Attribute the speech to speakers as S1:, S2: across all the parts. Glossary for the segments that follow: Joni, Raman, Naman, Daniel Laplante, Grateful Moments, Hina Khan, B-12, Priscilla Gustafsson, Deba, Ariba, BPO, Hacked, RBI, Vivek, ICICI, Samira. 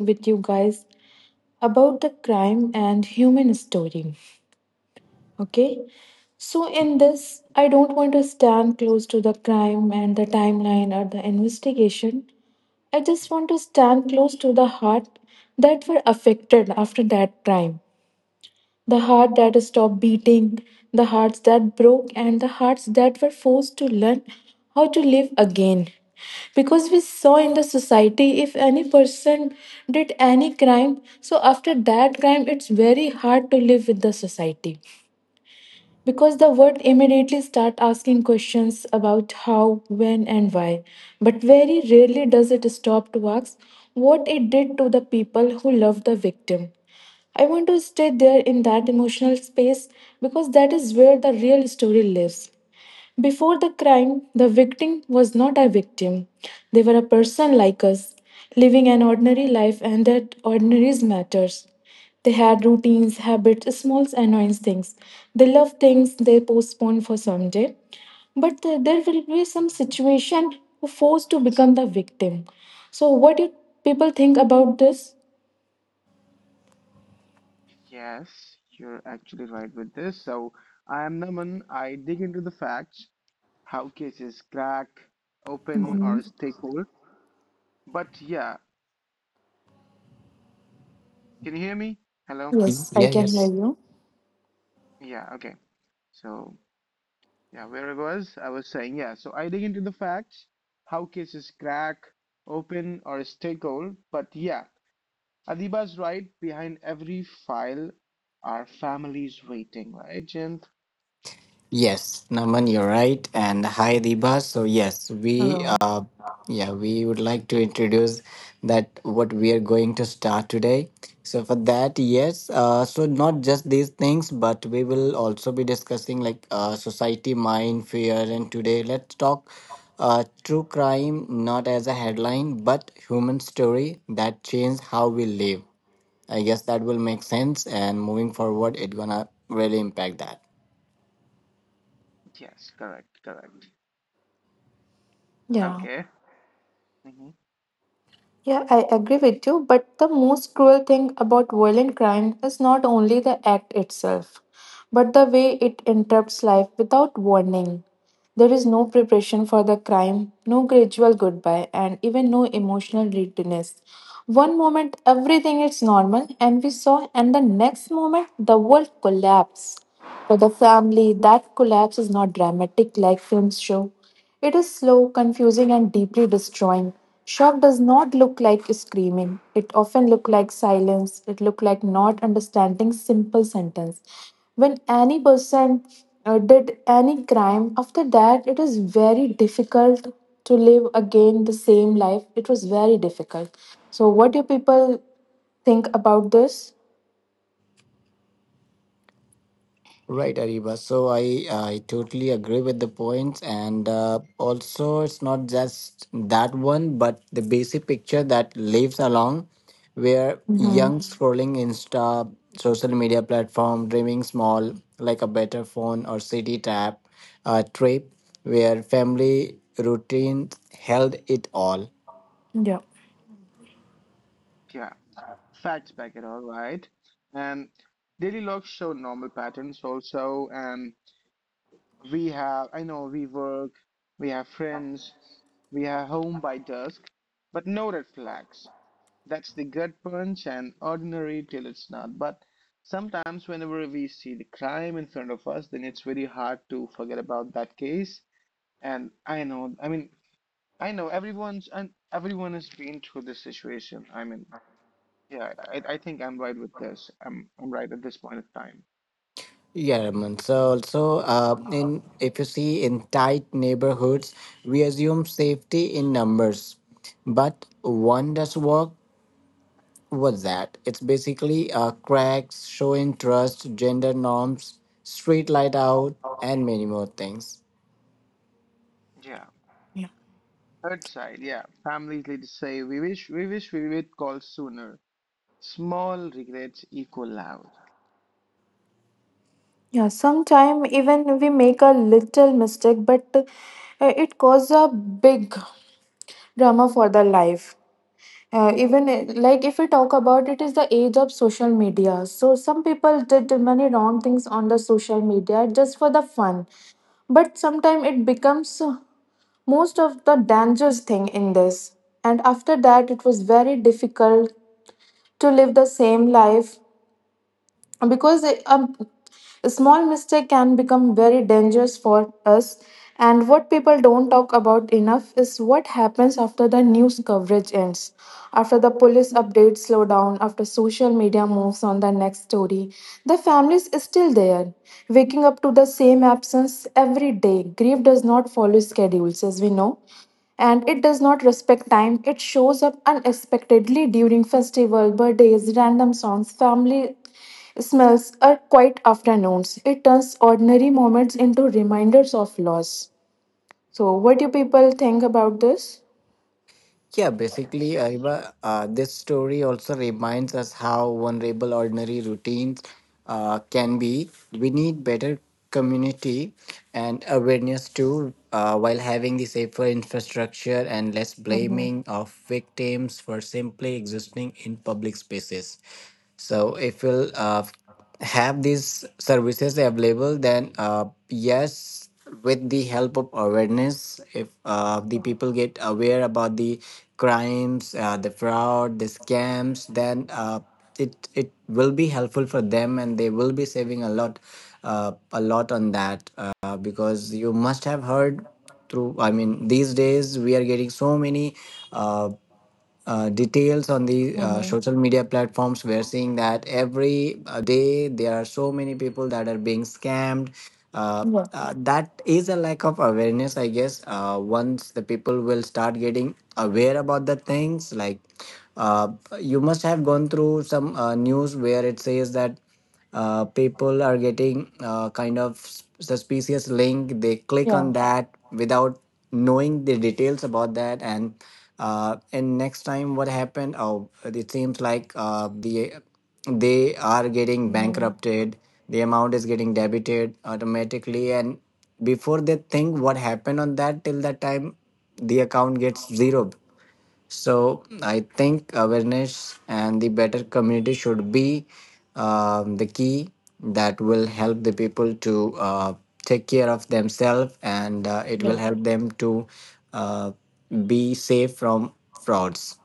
S1: with you guys about the crime and human story. Okay. So, in this, I don't want to stand close to the crime and the timeline or the investigation. I just want to stand close to the heart that were affected after that crime, the heart that stopped beating, the hearts that broke, and the hearts that were forced to learn how to live again. Because we saw in the society, if any person did any crime, so after that crime, it's very hard to live with the society because the world immediately start asking questions about how, when, and why, but very rarely does it stop to ask what it did to the people who love the victim. I want to stay there in that emotional space because that is where the real story lives. Before the crime, the victim was not a victim. They were a person like us, living an ordinary life, and that ordinary matters. They had routines, habits, small annoying things. They love things they postpone for someday. But there will be some situation who forced to become the victim. So, what do people think about this?
S2: Yes, you're actually right with this. So I am Naman. I dig into the facts, how cases crack, open, or stay cold. But yeah, can you hear me? Hello?
S1: Yes, I
S3: Yeah,
S1: can hear
S3: yes.
S1: you.
S2: Yeah, okay. So yeah, where I was saying, yeah, so I dig into the facts, how cases crack, open, or stay cold. But yeah, Adiba's right, behind every file are families waiting, right, Jim?
S3: Yes, Naman, you're right. And hi, Deba. So, yes, we,
S1: Hello.
S3: uh, yeah, we would like to introduce that what we are going to start today. So, for that, yes, so not just these things, but we will also be discussing like society, mind, fear. And today, let's talk true crime, not as a headline, but human story that changed how we live. I guess that will make sense. And moving forward, it gonna really impact that.
S2: Yes, correct, correct.
S1: Yeah.
S2: Okay. Hmm.
S1: Yeah, I agree with you, but the most cruel thing about violent crime is not only the act itself, but the way it interrupts life without warning. There is no preparation for the crime, no gradual goodbye, and even no emotional readiness. One moment everything is normal and we saw, and the next moment the world collapses. For the family, that collapse is not dramatic like films show. It is slow, confusing, and deeply destroying. Shock does not look like screaming. It often looks like silence. It looks like not understanding simple sentence. When any person did any crime, after that it is very difficult to live again the same life. It was very difficult. So, what do people think about this?
S3: Right, Ariba. So I totally agree with the points, and also it's not just that one, but the basic picture that lives along, where
S1: Mm-hmm.
S3: young scrolling Insta, social media platform, dreaming small like a better phone or city tap, trip, where family routines held it all.
S1: Yeah.
S2: Yeah. Facts back it all right, and daily logs show normal patterns also, and we have i know we work we have friends, we are home by dusk, but no red flags. That's the gut punch, and ordinary till it's not. But sometimes whenever we see the crime in front of us, then it's very hard to forget about that case. And I know everyone's and everyone has been through this situation. I think I'm right with this. I'm right at this point of time.
S3: Yeah, Raman. So also, in if you see in tight neighborhoods, we assume safety in numbers, but wonders work was that it's basically cracks, showing trust, gender norms, street light out, and many more things.
S2: Yeah.
S1: Yeah.
S2: Third side, yeah. Families later say we wish we wish we would call sooner. Small regrets equal loud.
S1: Yeah, sometime even we make a little mistake, but it causes a big drama for the life. Even like if we talk about it is the age of social media. So some people did many wrong things on the social media just for the fun. But sometimes it becomes most of the dangerous thing in this. And after that, it was very difficult to live the same life because a small mistake can become very dangerous for us. And what people don't talk about enough is what happens after the news coverage ends, after the police updates slow down, after social media moves on the next story. The family is still there, waking up to the same absence every day. Grief does not follow schedules, as we know, and it does not respect time. It shows up unexpectedly during festival, birthdays, random songs, family smells are quiet afternoons. It turns ordinary moments into reminders of loss. So, what do people think about this?
S3: Yeah, basically,
S2: Yes.
S3: Ariba, this story also reminds us how vulnerable ordinary routines can be. We need better community and awareness too, while having the safer infrastructure and less
S1: Mm-hmm.
S3: blaming of victims for simply existing in public spaces. So, if we'll have these services available, then yes, with the help of awareness, if the people get aware about the crimes, the fraud, the scams, then it will be helpful for them, and they will be saving a lot, on that, because you must have heard through, I mean, these days we are getting so many uh, details on the
S1: Mm-hmm.
S3: social media platforms. We're seeing that every day there are so many people that are being scammed, uh,
S1: Yeah.
S3: that is a lack of awareness, I guess. Once the people will start getting aware about the things, like, uh, you must have gone through some news where it says that people are getting, kind of, suspicious link, they click on
S1: Yeah.
S3: that without knowing the details about that, and next time what happened? Oh, it seems like, they are getting
S1: Mm-hmm.
S3: bankrupted, the amount is getting debited automatically, and before they think what happened on that, till that time the account gets zero. So I think awareness and the better community
S2: Mhm.
S3: should be the key that will help the people to take care of themselves, and it will
S1: Yeah.
S3: help them to uh, be safe from frauds.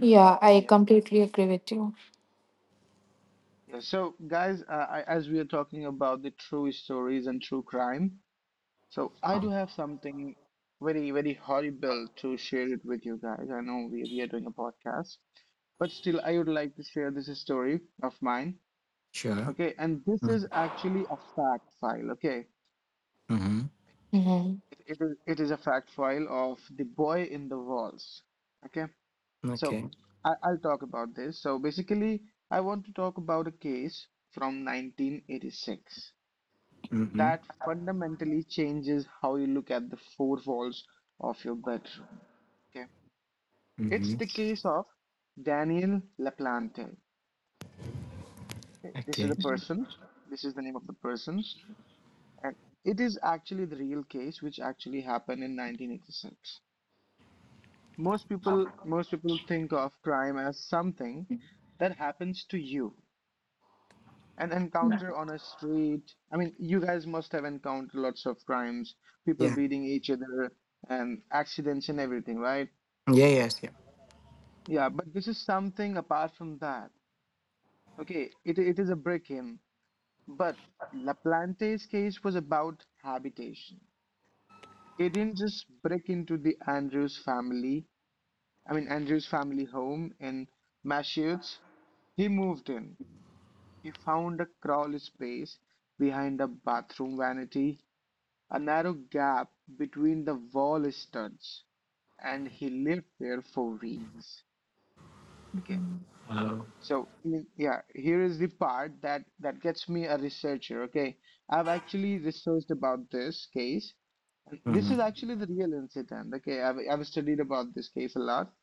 S1: Yeah, I
S2: Yes.
S1: completely agree with you.
S2: Yes. So guys, as we are talking about the true stories and true crime, so I do have something very very horrible to share it with you guys. I know we are doing a podcast, but still I would like to share this story of mine.
S3: Sure.
S2: Okay, and this
S3: Mm-hmm.
S2: is actually a fact file. Okay,
S3: Mm-hmm.
S1: Mm-hmm.
S2: it is a fact file of the boy in the walls. Okay, so
S3: Okay.
S2: I'll talk about this. So basically, I want to talk about a case from 1986
S3: Mm-hmm.
S2: that fundamentally changes how you look at the four walls of your bedroom. Okay, it's
S3: Mm-hmm.
S2: the case of Daniel Laplante. Okay, this is a
S3: Okay.
S2: person. This is the name of the person. And it is actually the real case which actually happened in 1986. Most people think of crime as something that happens to you. An encounter on a street. I mean, you guys must have encountered lots of crimes, people
S3: Yeah.
S2: beating each other and accidents and everything, right?
S3: Yeah. Yes. Yeah.
S2: Yeah, but this is something apart from that. Okay, it is a break-in, but LaPlante's case was about habitation. They didn't just break into the Andrews family I mean Andrew's family home in Massachusetts, he moved in. He found a crawl space behind a bathroom vanity, a narrow gap between the wall studs, and he lived there for weeks. Okay.
S1: Mm-hmm.
S2: So, I mean, yeah, here is the part that gets me a researcher. Okay, I've actually researched about this case. This is
S3: Mm-hmm.
S2: actually the real incident. Okay, I've studied about this case a lot.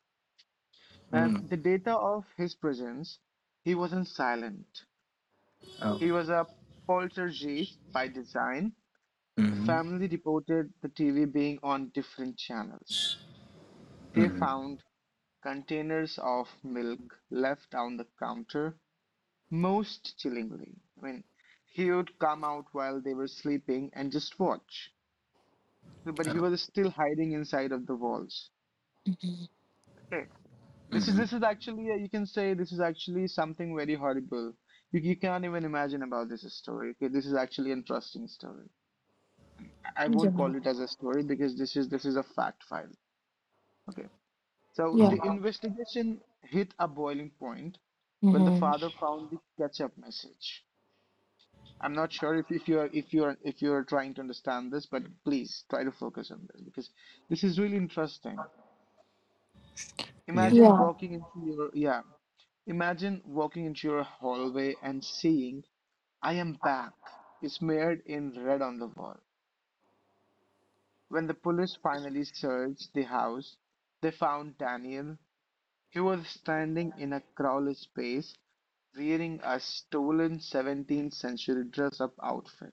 S2: And
S3: Mm-hmm.
S2: the data of his presence, he wasn't silent.
S3: Oh.
S2: He was a poltergeist by design. The
S3: Mm-hmm.
S2: family reported the TV being on different channels. They
S3: Mm-hmm.
S2: found containers of milk left on the counter. Most chillingly, I mean, he would come out while they were sleeping and just watch. But he
S3: Oh.
S2: was still hiding inside of the walls. Okay. This is
S3: Mm-hmm.
S2: this is actually, you can say this is actually something very horrible. You can't even imagine about this story. Okay, this is actually an interesting story. I won't
S1: Yeah.
S2: call it as a story because this is a fact file. Okay. So
S1: Yeah.
S3: Mm-hmm.
S2: the investigation hit a boiling point when the
S1: Mm-hmm.
S2: father found the ketchup message. I'm not sure if you're trying to understand this, but please try to focus on this because this is really interesting.
S3: Yeah.
S2: Imagine
S1: Yeah.
S2: walking into your yeah, Imagine walking into your hallway and seeing "I am back" smeared in red on the wall. When the police finally searched the house, they found Daniel. He was standing in a crawl space wearing a stolen 17th century dress up outfit,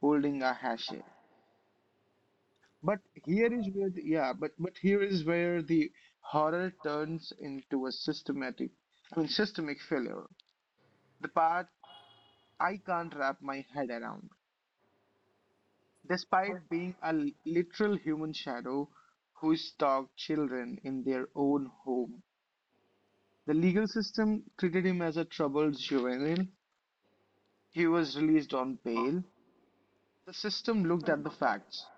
S2: holding a hatchet. But here is where the horror turns into a systematic I mean systemic failure. The part I can't wrap my head around. Despite being a literal human shadow who stalked children in their own home, the legal system treated him as a troubled juvenile. He was released on bail. The system looked at the facts,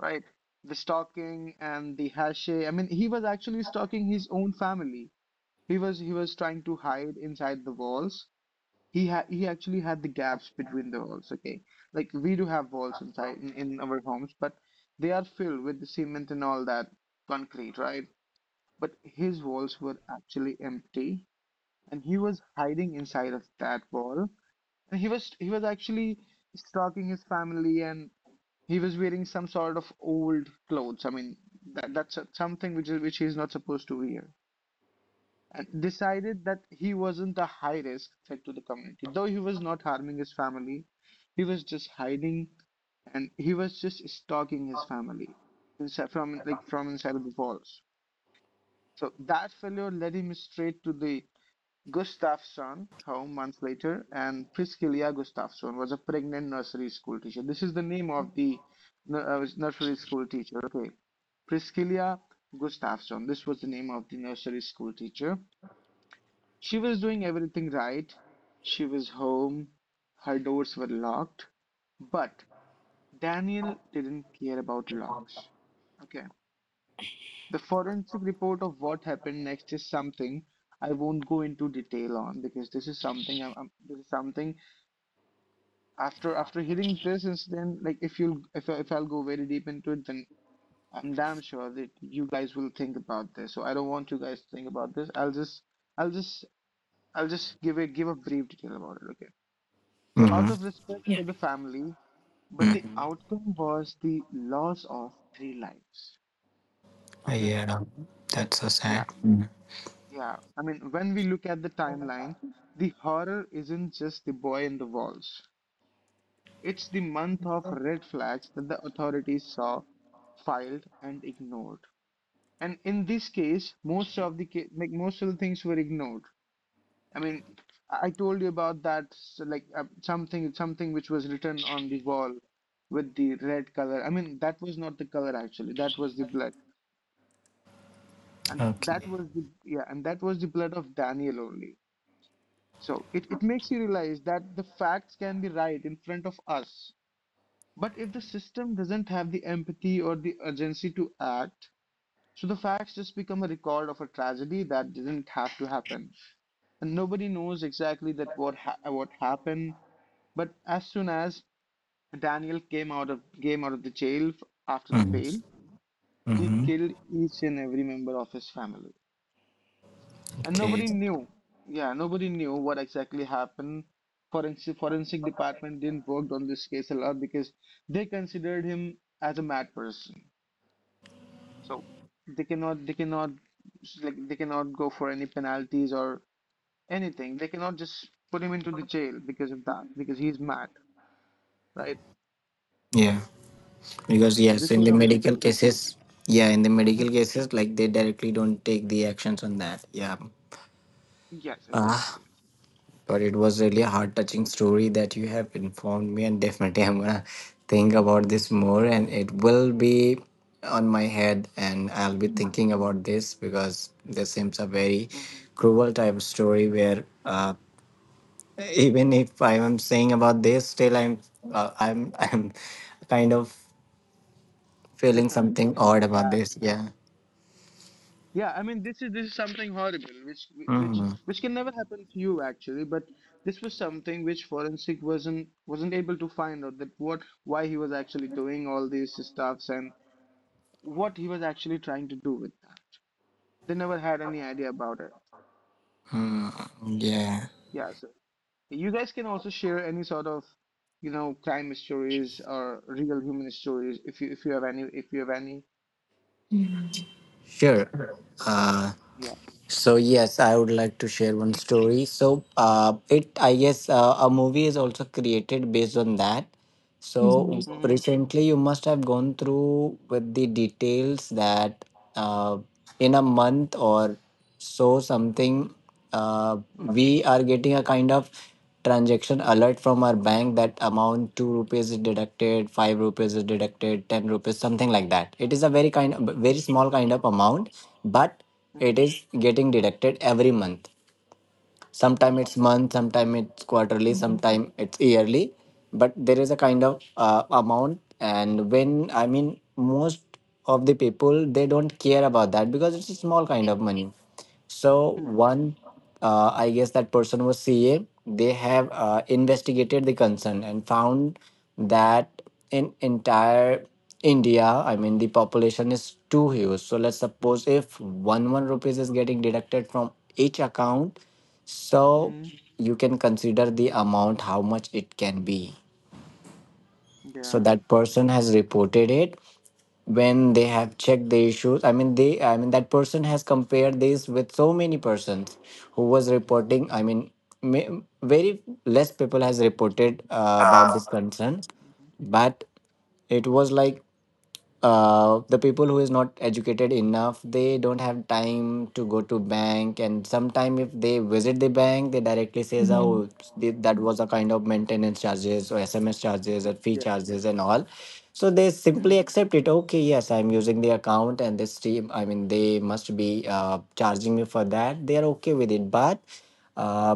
S2: right? The stalking and the hashe. I mean, he was actually stalking his own family. He was trying to hide inside the walls. He actually had the gaps between the walls, okay? Like we do have walls inside in our homes, but they are filled with the cement and all that concrete, right? But his walls were actually empty and he was hiding inside of that wall. And he was actually stalking his family and he was wearing some sort of old clothes. I mean that's something which is which he is not supposed to wear, and decided that he wasn't a high risk threat to the community. Though he was not harming his family, he was just hiding and he was just stalking his family inside, from like from inside of the walls. So that failure led him straight to the Gustafsson home months later, and Priscilla Gustafsson was a pregnant nursery school teacher. This is the name of the nursery school teacher. Okay, Priscilla Gustafsson. This was the name of the nursery school teacher. She was doing everything right. She was home. Her doors were locked. But Daniel didn't care about locks. Okay. The forensic report of what happened next is something I won't go into detail on because this is something this is something after hearing this incident, like if you if I'll go very deep into it, then I'm damn sure that you guys will think about this. So I don't want you guys to think about this. I'll just I'll just give a brief detail about it. Okay. So, out
S3: Mhm.
S2: of respect
S1: Yeah.
S2: for the family, but the
S3: Mhm.
S2: outcome was the loss of three lives. Okay,
S3: Yeah, that's so
S2: yeah,
S3: sad. Mhm.
S2: yeah. I mean, when we look at the timeline, the horror isn't just the boy in the walls, it's the month of red flags that the authorities saw, filed, and ignored. And in this case, most of the things were ignored. I mean, I told you about that, so like something which was written on the wall with the red color. I mean, that was not the color actually. That was the blood, and that
S3: Okay.
S2: was the blood of Daniel only. So it makes you realize that the facts can be right in front of us, but if the system doesn't have the empathy or the urgency to act, so the facts just become a record of a tragedy that didn't have to happen. And nobody knows exactly that what what happened But as soon as Daniel came out of the jail after the
S3: Mhm.
S2: bail, he
S3: Mhm.
S2: killed each and every member of his family. And
S3: Okay.
S2: nobody knew. Yeah, nobody knew what exactly happened. Forensic department didn't work on this case a lot because they considered him as a mad person. So they cannot they cannot they cannot go for any penalties or anything. They cannot just put him into the jail because of that, because he's mad, right?
S3: Yeah,
S2: Yeah,
S3: because
S2: so
S3: yes,
S2: this
S3: in
S2: was
S3: the
S2: a
S3: medical
S2: horrible case.
S3: cases, like, they directly don't take the actions on that. Yeah,
S2: Yes, exactly.
S3: but it was really a heart touching story that you have informed me, and definitely I'm gonna think about this more, and it will be on my head, and I'll be thinking about this because this seems a very
S2: Hmm.
S3: cruel type of story where. Even if I am saying about this, still I'm I'm kind of feeling something odd about
S2: Yeah,
S3: this. Yeah.
S2: yeah. I mean, this is something horrible, which which
S3: Mm-hmm.
S2: which can never happen to you actually. But this was something which forensic wasn't able to find out that what why he was actually doing all these stuffs and what he was actually trying to do with that. They never had any idea about it.
S3: Mm-hmm. Yeah.
S2: Yeah. So you guys can also share any sort of, you know, crime stories or real human stories if you have any.
S1: Mm-hmm.
S3: Sure. Uh,
S2: Yeah.
S3: so yes, I would like to share one story. So it I guess a movie is also created based on that. So
S1: Mm-hmm.
S2: Mm-hmm.
S3: recently, you must have gone through with the details that, uh, in a month or so, something,
S2: Mm-hmm.
S3: we are getting a kind of transaction alert from our bank that amount 2 rupees is deducted, 5 rupees is deducted, 10 rupees, something like that. It is a
S2: Mm-hmm.
S3: very small kind of amount, but
S2: Mm-hmm.
S3: it is getting deducted every month.
S2: Mm-hmm.
S3: Sometime it's month, sometime it's quarterly, sometime it's yearly, but there is a kind of amount. And, when I mean most of the people, they don't care about that because it's a small kind of money. So
S2: Hmm.
S3: one I guess that person was ca they have investigated the concern and found that in entire India, I mean, the population is too huge. So let's suppose if one rupees is getting deducted from each account, so
S2: Mm,
S3: you can consider the amount, how much it can be. So
S2: yeah.
S3: that person has reported it. When they
S2: Mm,
S3: have checked the issues, I mean, that person has compared this with so many persons who was reporting. I mean, very less people has reported about this concern.
S2: mhm,
S3: But it was like, the people who is not educated enough, they don't have time to go to bank, and sometime if they visit the bank, they directly says, oh, that was a kind of maintenance charges or SMS charges or fee
S2: yes.
S3: charges and all, so they simply
S2: Mm,
S3: accept it. Okay, yes, I'm using the account, and this team, I mean, they must be charging me for that. They are okay with it. But uh,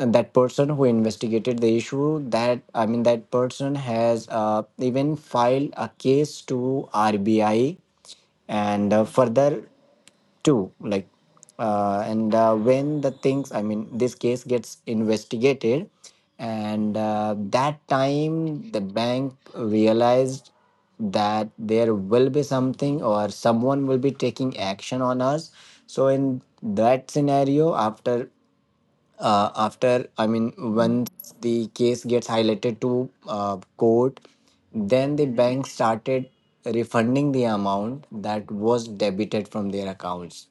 S3: and that person who investigated the issue, that I mean that person has even filed a case to RBI and
S2: mm-hmm,
S3: further too, like, and when the things, I mean, this case gets investigated, and that time the bank realized that there will be something, or someone will be taking action on us. So in that scenario, after after I mean
S1: Mm-hmm.
S3: once the case gets highlighted to court, then the
S2: mm-hmm,
S3: bank started refunding the amount that was debited from their accounts.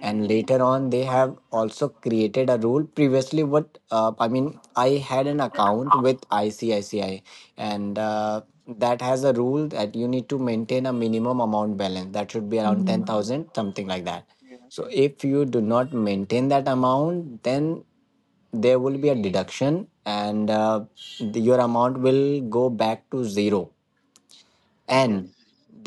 S3: And later on, they have also created a rule. Previously, what, I had an account with ICICI, and that has a rule that you need to maintain a minimum amount balance that should be around
S1: Mm-hmm.
S3: 10,000, something like that.
S2: yeah.
S3: So if you do not maintain that amount, then there will be a deduction, and your amount will go back to zero.
S2: Yes.
S3: And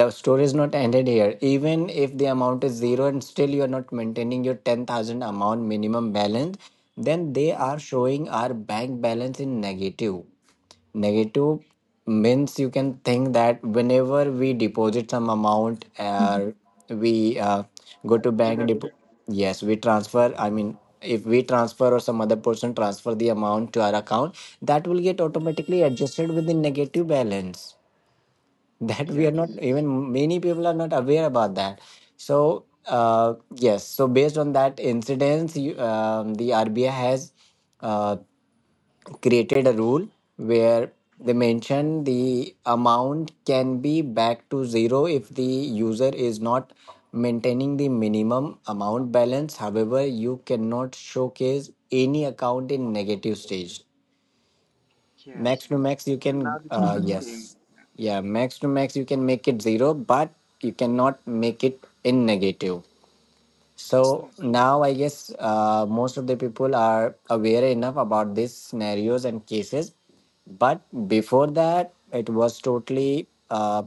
S3: the story is not ended here. Even if the amount is zero and still you are not maintaining your 10,000 amount minimum balance, then they are
S2: Mm,
S3: showing our bank balance in negative. Negative means, you can
S2: mm-hmm.
S3: think that whenever we deposit some amount, or we go
S2: That
S3: to
S2: was
S3: bank,
S2: elected.
S3: yes, we transfer. I mean, if we transfer, or some other person transfer the amount to our account, that will get
S2: Mm,
S3: automatically adjusted with the negative balance. That, we are not
S2: yes.
S3: even, many people are not aware about that. So yes, so based on that incidents, you, the RBI has uh, created a rule where they mention the amount can be back to zero if the user is not maintaining the minimum amount balance. However, you cannot showcase any account in negative stage. Max
S2: Yes.
S3: to max you
S2: And now
S3: can
S2: the students
S1: Mm-hmm.
S2: came.
S3: yes yeah max to max you can make it zero, but you cannot make it in negative. So
S2: Hmm.
S3: now, I guess, most of the people are aware enough about these scenarios and cases, but before that, it was totally,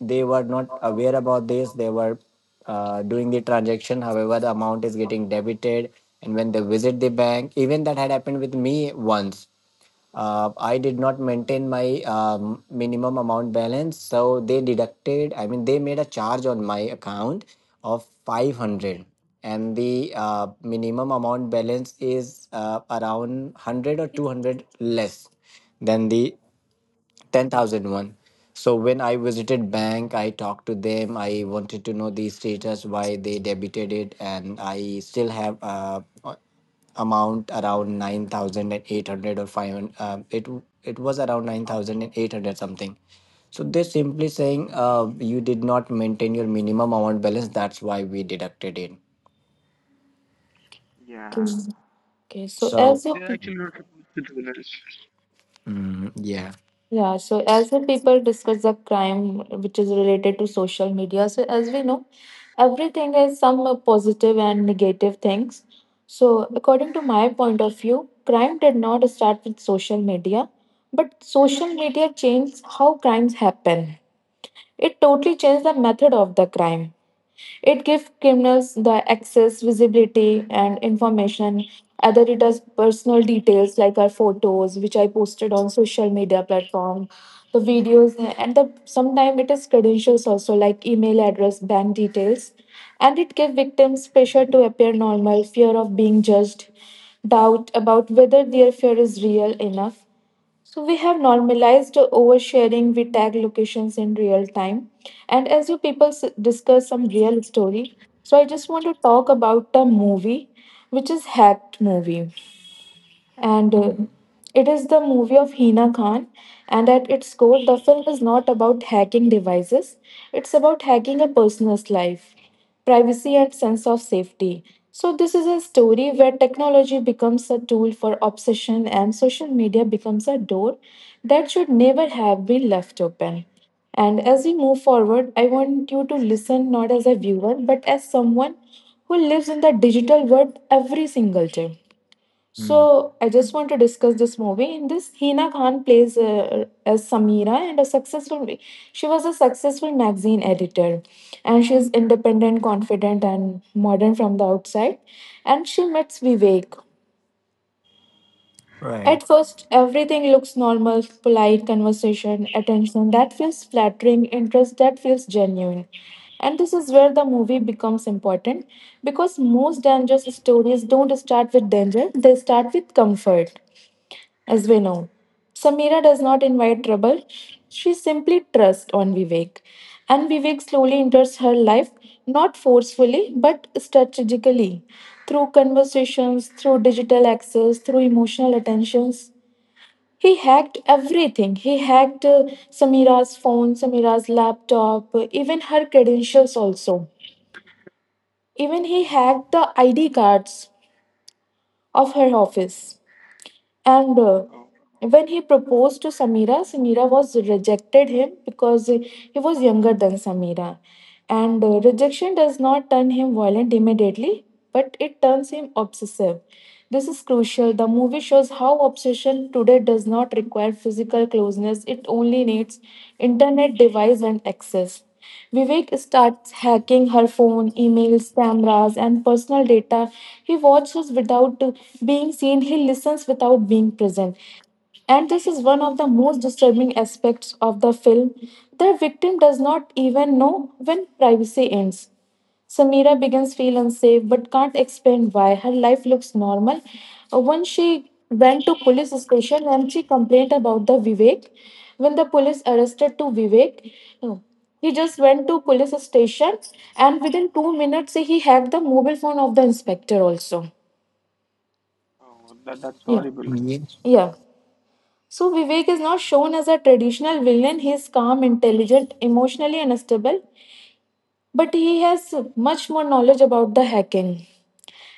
S3: they were not aware about this. They were doing the transaction, however, the amount is getting debited. And when they visit the bank, even that had happened with me once. I did not maintain my minimum amount balance. So they deducted, I mean, they made a charge on my account of 500. And the minimum amount balance is around 100 or 200 less than the 10,000 one. So when I visited bank, I talked to them. I wanted to know the status, why they debited it, and I still have, amount around 9,800 or 500, it was around 9,800 something. So they're simply saying,
S2: Mhm.
S3: you did not maintain your minimum amount balance, that's why we deducted it.
S2: Yeah.
S1: Okay. okay, so
S3: So
S1: as you
S2: They're actually not supposed to do this.
S3: mm, yeah.
S1: Yeah, so as the people discuss the crime which is related to social media, so as we know, everything has some positive and negative things. So, according to my point of view, crime did not start with social media, but social media changed how crimes happen. It totally changed the method of the crime. It gives criminals the access, visibility, and information. Either it does personal details like our photos, which I posted on social media platform, the videos, and the sometimes it is credentials also like email address, bank details, and it gives victims pressure to appear normal, fear of being judged, doubt about whether their fear is real enough. So we have normalized oversharing. We tag locations in real time, and as you people discuss some real story, so I just want to talk about a movie, which is hacked movie and it is the movie of Hina Khan. And at its core, the film is not about hacking devices, it's about hacking a person's life, privacy, and sense of safety. So, this is a story where technology becomes a tool for obsession and social media becomes a door that should never have been left open. And as we move forward, I want you to listen not as a viewer, but as someone who lives in the digital world every single day.
S3: Mm.
S1: So I just want to discuss this movie. In this, Hina Khan plays as Samira and a successful. She was a successful magazine editor, and she's independent, confident, and modern from the outside. And she meets Vivek.
S3: Right.
S1: At first, everything looks normal: polite conversation, attention that feels flattering, interest that feels genuine. And this is where the movie becomes important because most dangerous stories don't start with danger; they start with comfort. As we know, Samira does not invite trouble. She simply trusts on Vivek. And Vivek slowly enters her life, not forcefully, but strategically. Through conversations, through digital access, through emotional attentions. He hacked everything. He hacked Samira's phone, Samira's laptop, even her credentials also. Even he
S2: Mm-hmm.
S1: hacked the ID cards of her office. And
S2: Oh,
S1: when he proposed to Samira, Samira was rejected him because he was younger than Samira. And rejection does not turn him violent immediately, but it turns him obsessive. This is crucial. The movie shows how obsession today does not require physical closeness, it only needs internet device and access. Vivek starts hacking her phone, emails, cameras, and personal data. He watches without being seen, he listens without being present. And this is one of the most disturbing aspects of the film. The victim does not even know when privacy ends. Samira begins feel unsafe but can't explain why. Her life looks normal. Once she went to police station and she complained about the Vivek. When the police arrested to Vivek, uh, he just went to police station and within 2 minutes he hacked the mobile phone of the inspector also.
S2: oh, that's
S1: Yeah.
S2: horrible.
S3: Yes,
S1: Yeah. So Vivek is not shown as a traditional villain. He is calm, intelligent, emotionally unstable, but he has much more knowledge about the hacking.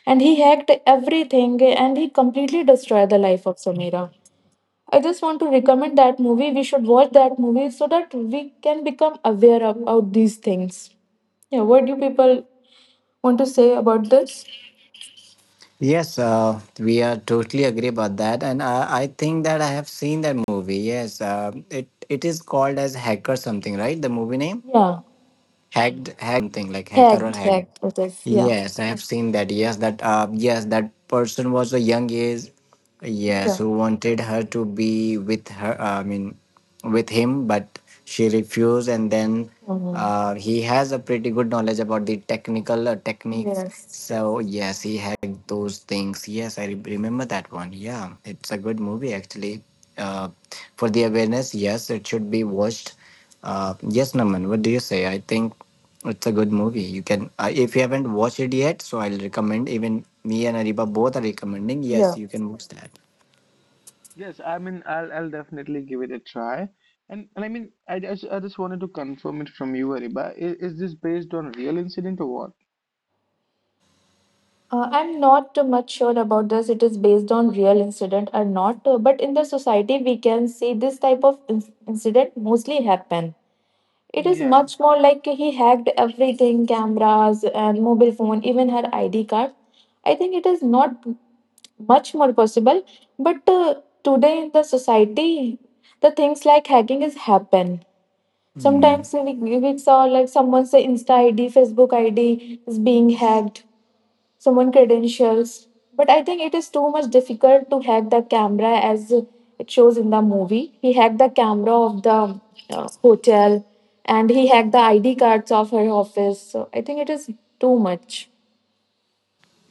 S1: And he hacked everything and he completely destroyed the life of Samira. I just want to recommend that movie. We should watch that movie so that we can become aware about these things. Yeah, what do people want to say about this?
S3: yes, we are totally agree about that, and I think that I have seen that movie. Yes, it is called as Hacker something, right? The movie name
S1: Yeah,
S3: Hacked, Hacked, something like Hacker or
S1: hacked,
S3: Hack.
S1: hacked. It is. Yeah,
S3: Yes, I have seen that. Yes, that person was a young age. Yes,
S1: yeah.
S3: who wanted her to be with her. I mean, with him, but she refused, and then
S1: Mhm.
S3: he has a pretty good knowledge about the technical techniques.
S1: Yes.
S3: So yes, he had those things. Yes, I remember that one. Yeah, it's a good movie actually. Uh, for the awareness, yes, it should be watched. Yes, Naman, what do you say? I think it's a good movie. If you haven't watched it yet, so I'll recommend. Even me and Ariba both are recommending. Yes,
S1: Yeah.
S3: you can watch that.
S2: Yes, I mean, I'll definitely give it a try. And, I mean, I just wanted to confirm it from you, Ariba. Is this based on real incident or what?
S1: I'm not much sure about this. It is based on real incident or not, but in the society we can see this type of incident mostly happen. It is
S2: Yeah,
S1: much more like he hacked everything, cameras and mobile phone, even her ID card. I think it is not much more possible, but today in the society, the things like hacking is happen.
S3: Hmm.
S1: Sometimes we saw like someone's Insta ID, Facebook ID is being hacked someone credentials. But I think it is too much difficult to hack the camera as it shows in the movie. He hacked the camera of the hotel and he hacked the ID cards of her office. So I think it is too much.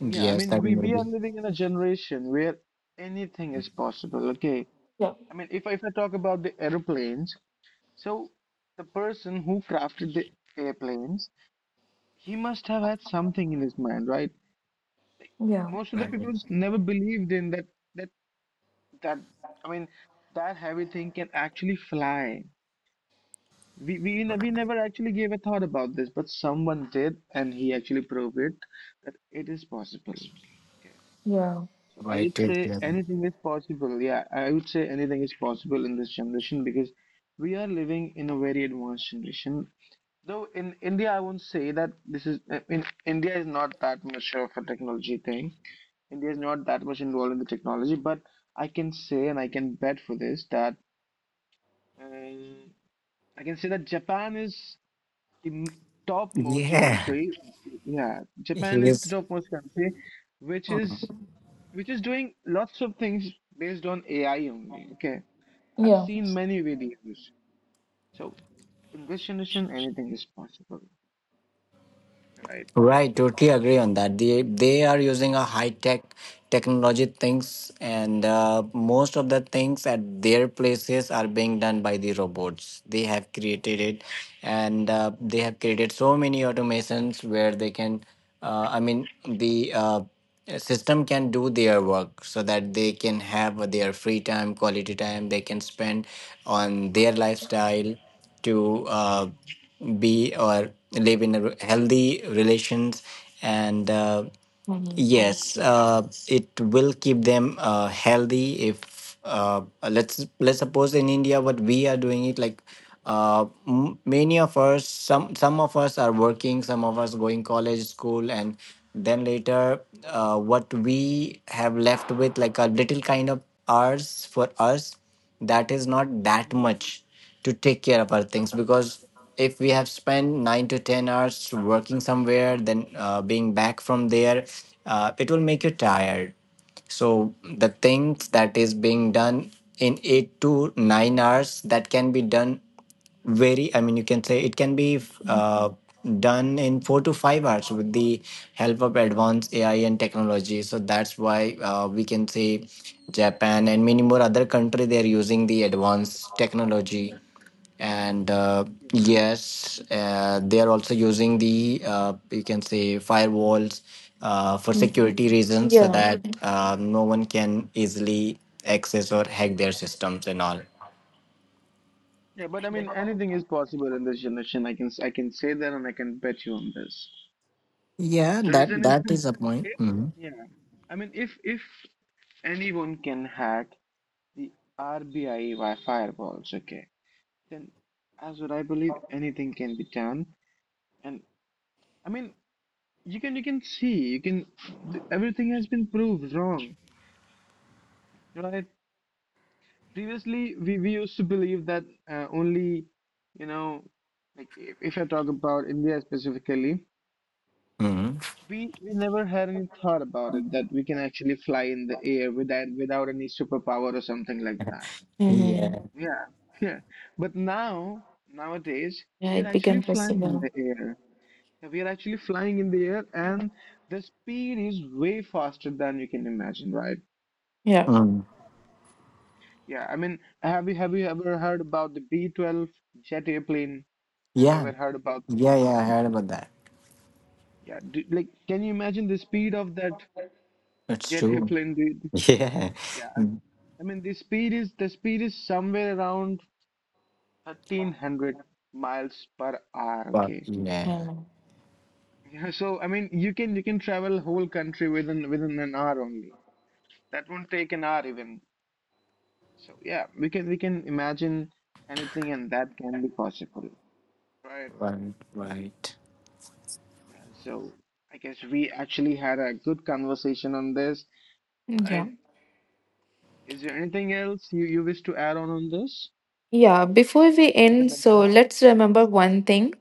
S2: yeah. I
S3: Yes,
S2: mean,
S3: that
S2: we are
S3: movie.
S2: living in a generation where anything is possible. Okay.
S1: Yeah.
S2: If I talk about the aeroplanes, so the person who crafted the airplanes, he must have had something in his mind, right?
S1: Yeah.
S2: Most of the
S3: Right.
S2: people never believed in that that that I mean heavy thing can actually fly. We never actually gave a thought about this, but someone did, and he actually proved it that it is possible.
S1: Yeah.
S2: So I
S3: Why
S2: would
S3: to
S2: say anything is possible. Yeah, I would say anything is possible in this generation because we are living in a very advanced generation. Though in India, I won't say that this is in India is not that much of a technology thing. India is not that much involved in the technology, but I can say and I can bet for this that um, I can say that Japan is the topmost
S3: Yeah.
S2: country. Yeah, Japan
S3: He
S2: is the
S3: is.
S2: topmost country, which is doing lots of things based on AI only. Okay, I've
S1: Yeah.
S2: seen many videos. So in this generation, anything is possible, right?
S3: Right, totally agree on that. They are using a high tech technology things, and most of the things at their places are being done by the robots. They have created it, and they have
S2: Hmm.
S3: created so many automations where they can. I mean, the system can do their work so that they can have their free time, quality time. They can spend on their lifestyle to
S2: Hmm.
S3: be or live in a healthy relations. And
S1: Mhm.
S3: yes uh, it will keep them healthy. If let's suppose in India, what we are doing it, like, many of us, some of us are working, some of us going college, school, and then later what we have left with, like, a little kind of hours for us, that is not
S2: Yes.
S3: that much to take care of our things. Because if we have spent 9 to 10 hours working somewhere, then being back from there, it will make you tired. So the things that is being done in 8 to 9 hours, that can be done very, I mean, you can say, it can be uh, done in 4 to 5 hours with the help of advanced AI and technology. So that's why, we can say Japan and many more other country, they are using the advanced technology. And yes, they are also using the, you can say, firewalls for
S1: Mhm.
S3: security reasons, so
S1: Yeah.
S3: that no one can easily access or hack their systems and all.
S2: Yeah, but I mean, anything is possible in this generation. I can say that, and I can bet you on this.
S3: Yeah,
S2: The reason
S3: that
S2: is
S3: that is a point.
S2: if yeah, I mean if anyone can hack the RBI by firewalls, okay, then as what I believe anything can be done. And I mean you can see you can everything has been proved wrong, right? Previously we used to believe that only, you know, like, if I talk about India specifically,
S3: Mm.
S2: we never had any thought about it that we can actually fly in the air without any superpower or something like that.
S1: Hmm.
S3: Yeah.
S2: Yeah, yeah. But now nowadays
S1: Yeah.
S2: we are
S1: It
S2: actually
S1: became
S2: flying in
S1: possible.
S2: the air. Yeah, we are actually flying in the air, and the speed is way faster than you can imagine, right?
S1: Yeah.
S3: Mm.
S2: Yeah. I mean, have you ever heard about the B-12 jet airplane? Have you
S3: Yeah.
S2: ever heard about?
S3: Yeah. Yeah. I heard about that.
S2: Yeah. Do, like, can you imagine the speed of that
S3: It's
S2: jet
S3: true.
S2: airplane, dude?
S3: Yeah.
S2: Yeah, I mean,
S3: Mm,
S2: I mean the speed is somewhere around 1,300 miles per hour.
S3: But
S2: Okay.
S3: yeah.
S1: Yeah.
S2: Yeah, so I mean you can travel whole country within an hour only. That won't take an hour even. So yeah, we can imagine anything and that can be possible. Right.
S3: Right. Right.
S2: Yeah, so I guess we actually had a good conversation on this,
S1: Yeah.
S2: right? Is there anything else you wish to add on this?
S1: Yeah, before we end, so let's remember one thing.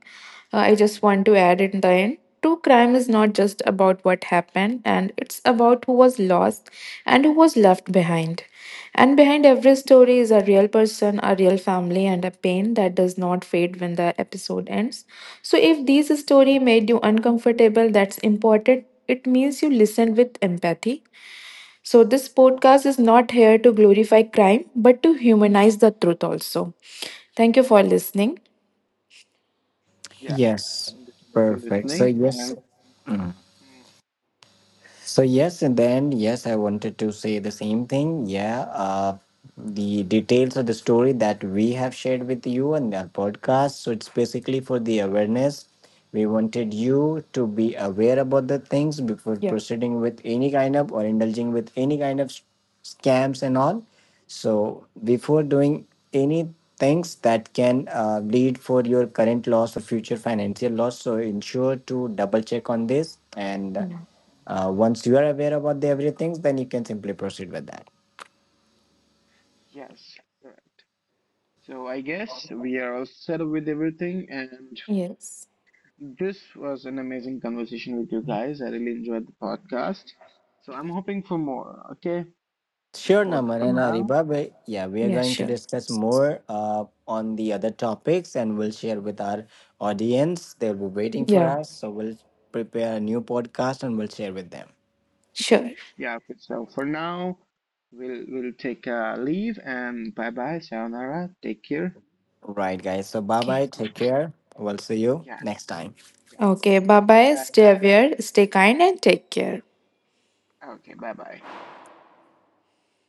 S1: I just want to add in the end. True crime is not just about what happened, and it's about who was lost and who was left behind. And behind every story is a real person, a real family, and a pain that does not fade when the episode ends. So, if this story made you uncomfortable, that's important. It means you listened with empathy. So, this
S2: Yeah.
S1: podcast is not here to glorify crime, but to humanize the truth also. Thank you for listening.
S2: Yeah.
S3: Yes.
S2: Thank you so much for
S3: Perfect. So
S2: listening
S3: yes.
S2: and Mm,
S3: So yes, and then yes, I wanted to say the same thing. Yeah, the details of the story that we have shared with you on our podcast. So it's basically for the awareness. We wanted you to be aware about the things before
S1: Yeah.
S3: proceeding with any kind of, or indulging with any kind of scams and all. So
S2: mm,
S3: before doing any things that can lead for your current loss or future financial loss, so ensure to double check on this, and
S2: mhm.
S3: once you are aware about the everything, then you can simply proceed with that.
S2: Yes, correct. So I guess we are all set up with everything, and
S1: Yes.
S2: this was an amazing conversation with you guys. I really enjoyed the podcast. So I'm hoping for more. Okay. So
S3: Sure,
S2: for
S3: Naman and
S1: Mm.
S2: now,
S3: Ariba. Yeah, we are
S1: Yeah,
S3: going to
S1: sure.
S3: discuss more on the other topics, and we'll share with our audience. They'll be waiting for
S1: Yeah,
S3: us. So we'll prepare a new podcast, and we'll share with them.
S1: sure.
S2: yeah. For now, we'll take a leave and bye bye. Sayonara. Take care.
S3: Right, guys. So bye
S1: Okay.
S3: bye. Take care. We'll see you
S2: Yeah,
S3: next time.
S2: yeah,
S1: Okay. Bye
S2: yeah.
S1: bye.
S2: Bye
S1: Stay aware, stay kind, and take care.
S2: bye. Okay. Bye bye.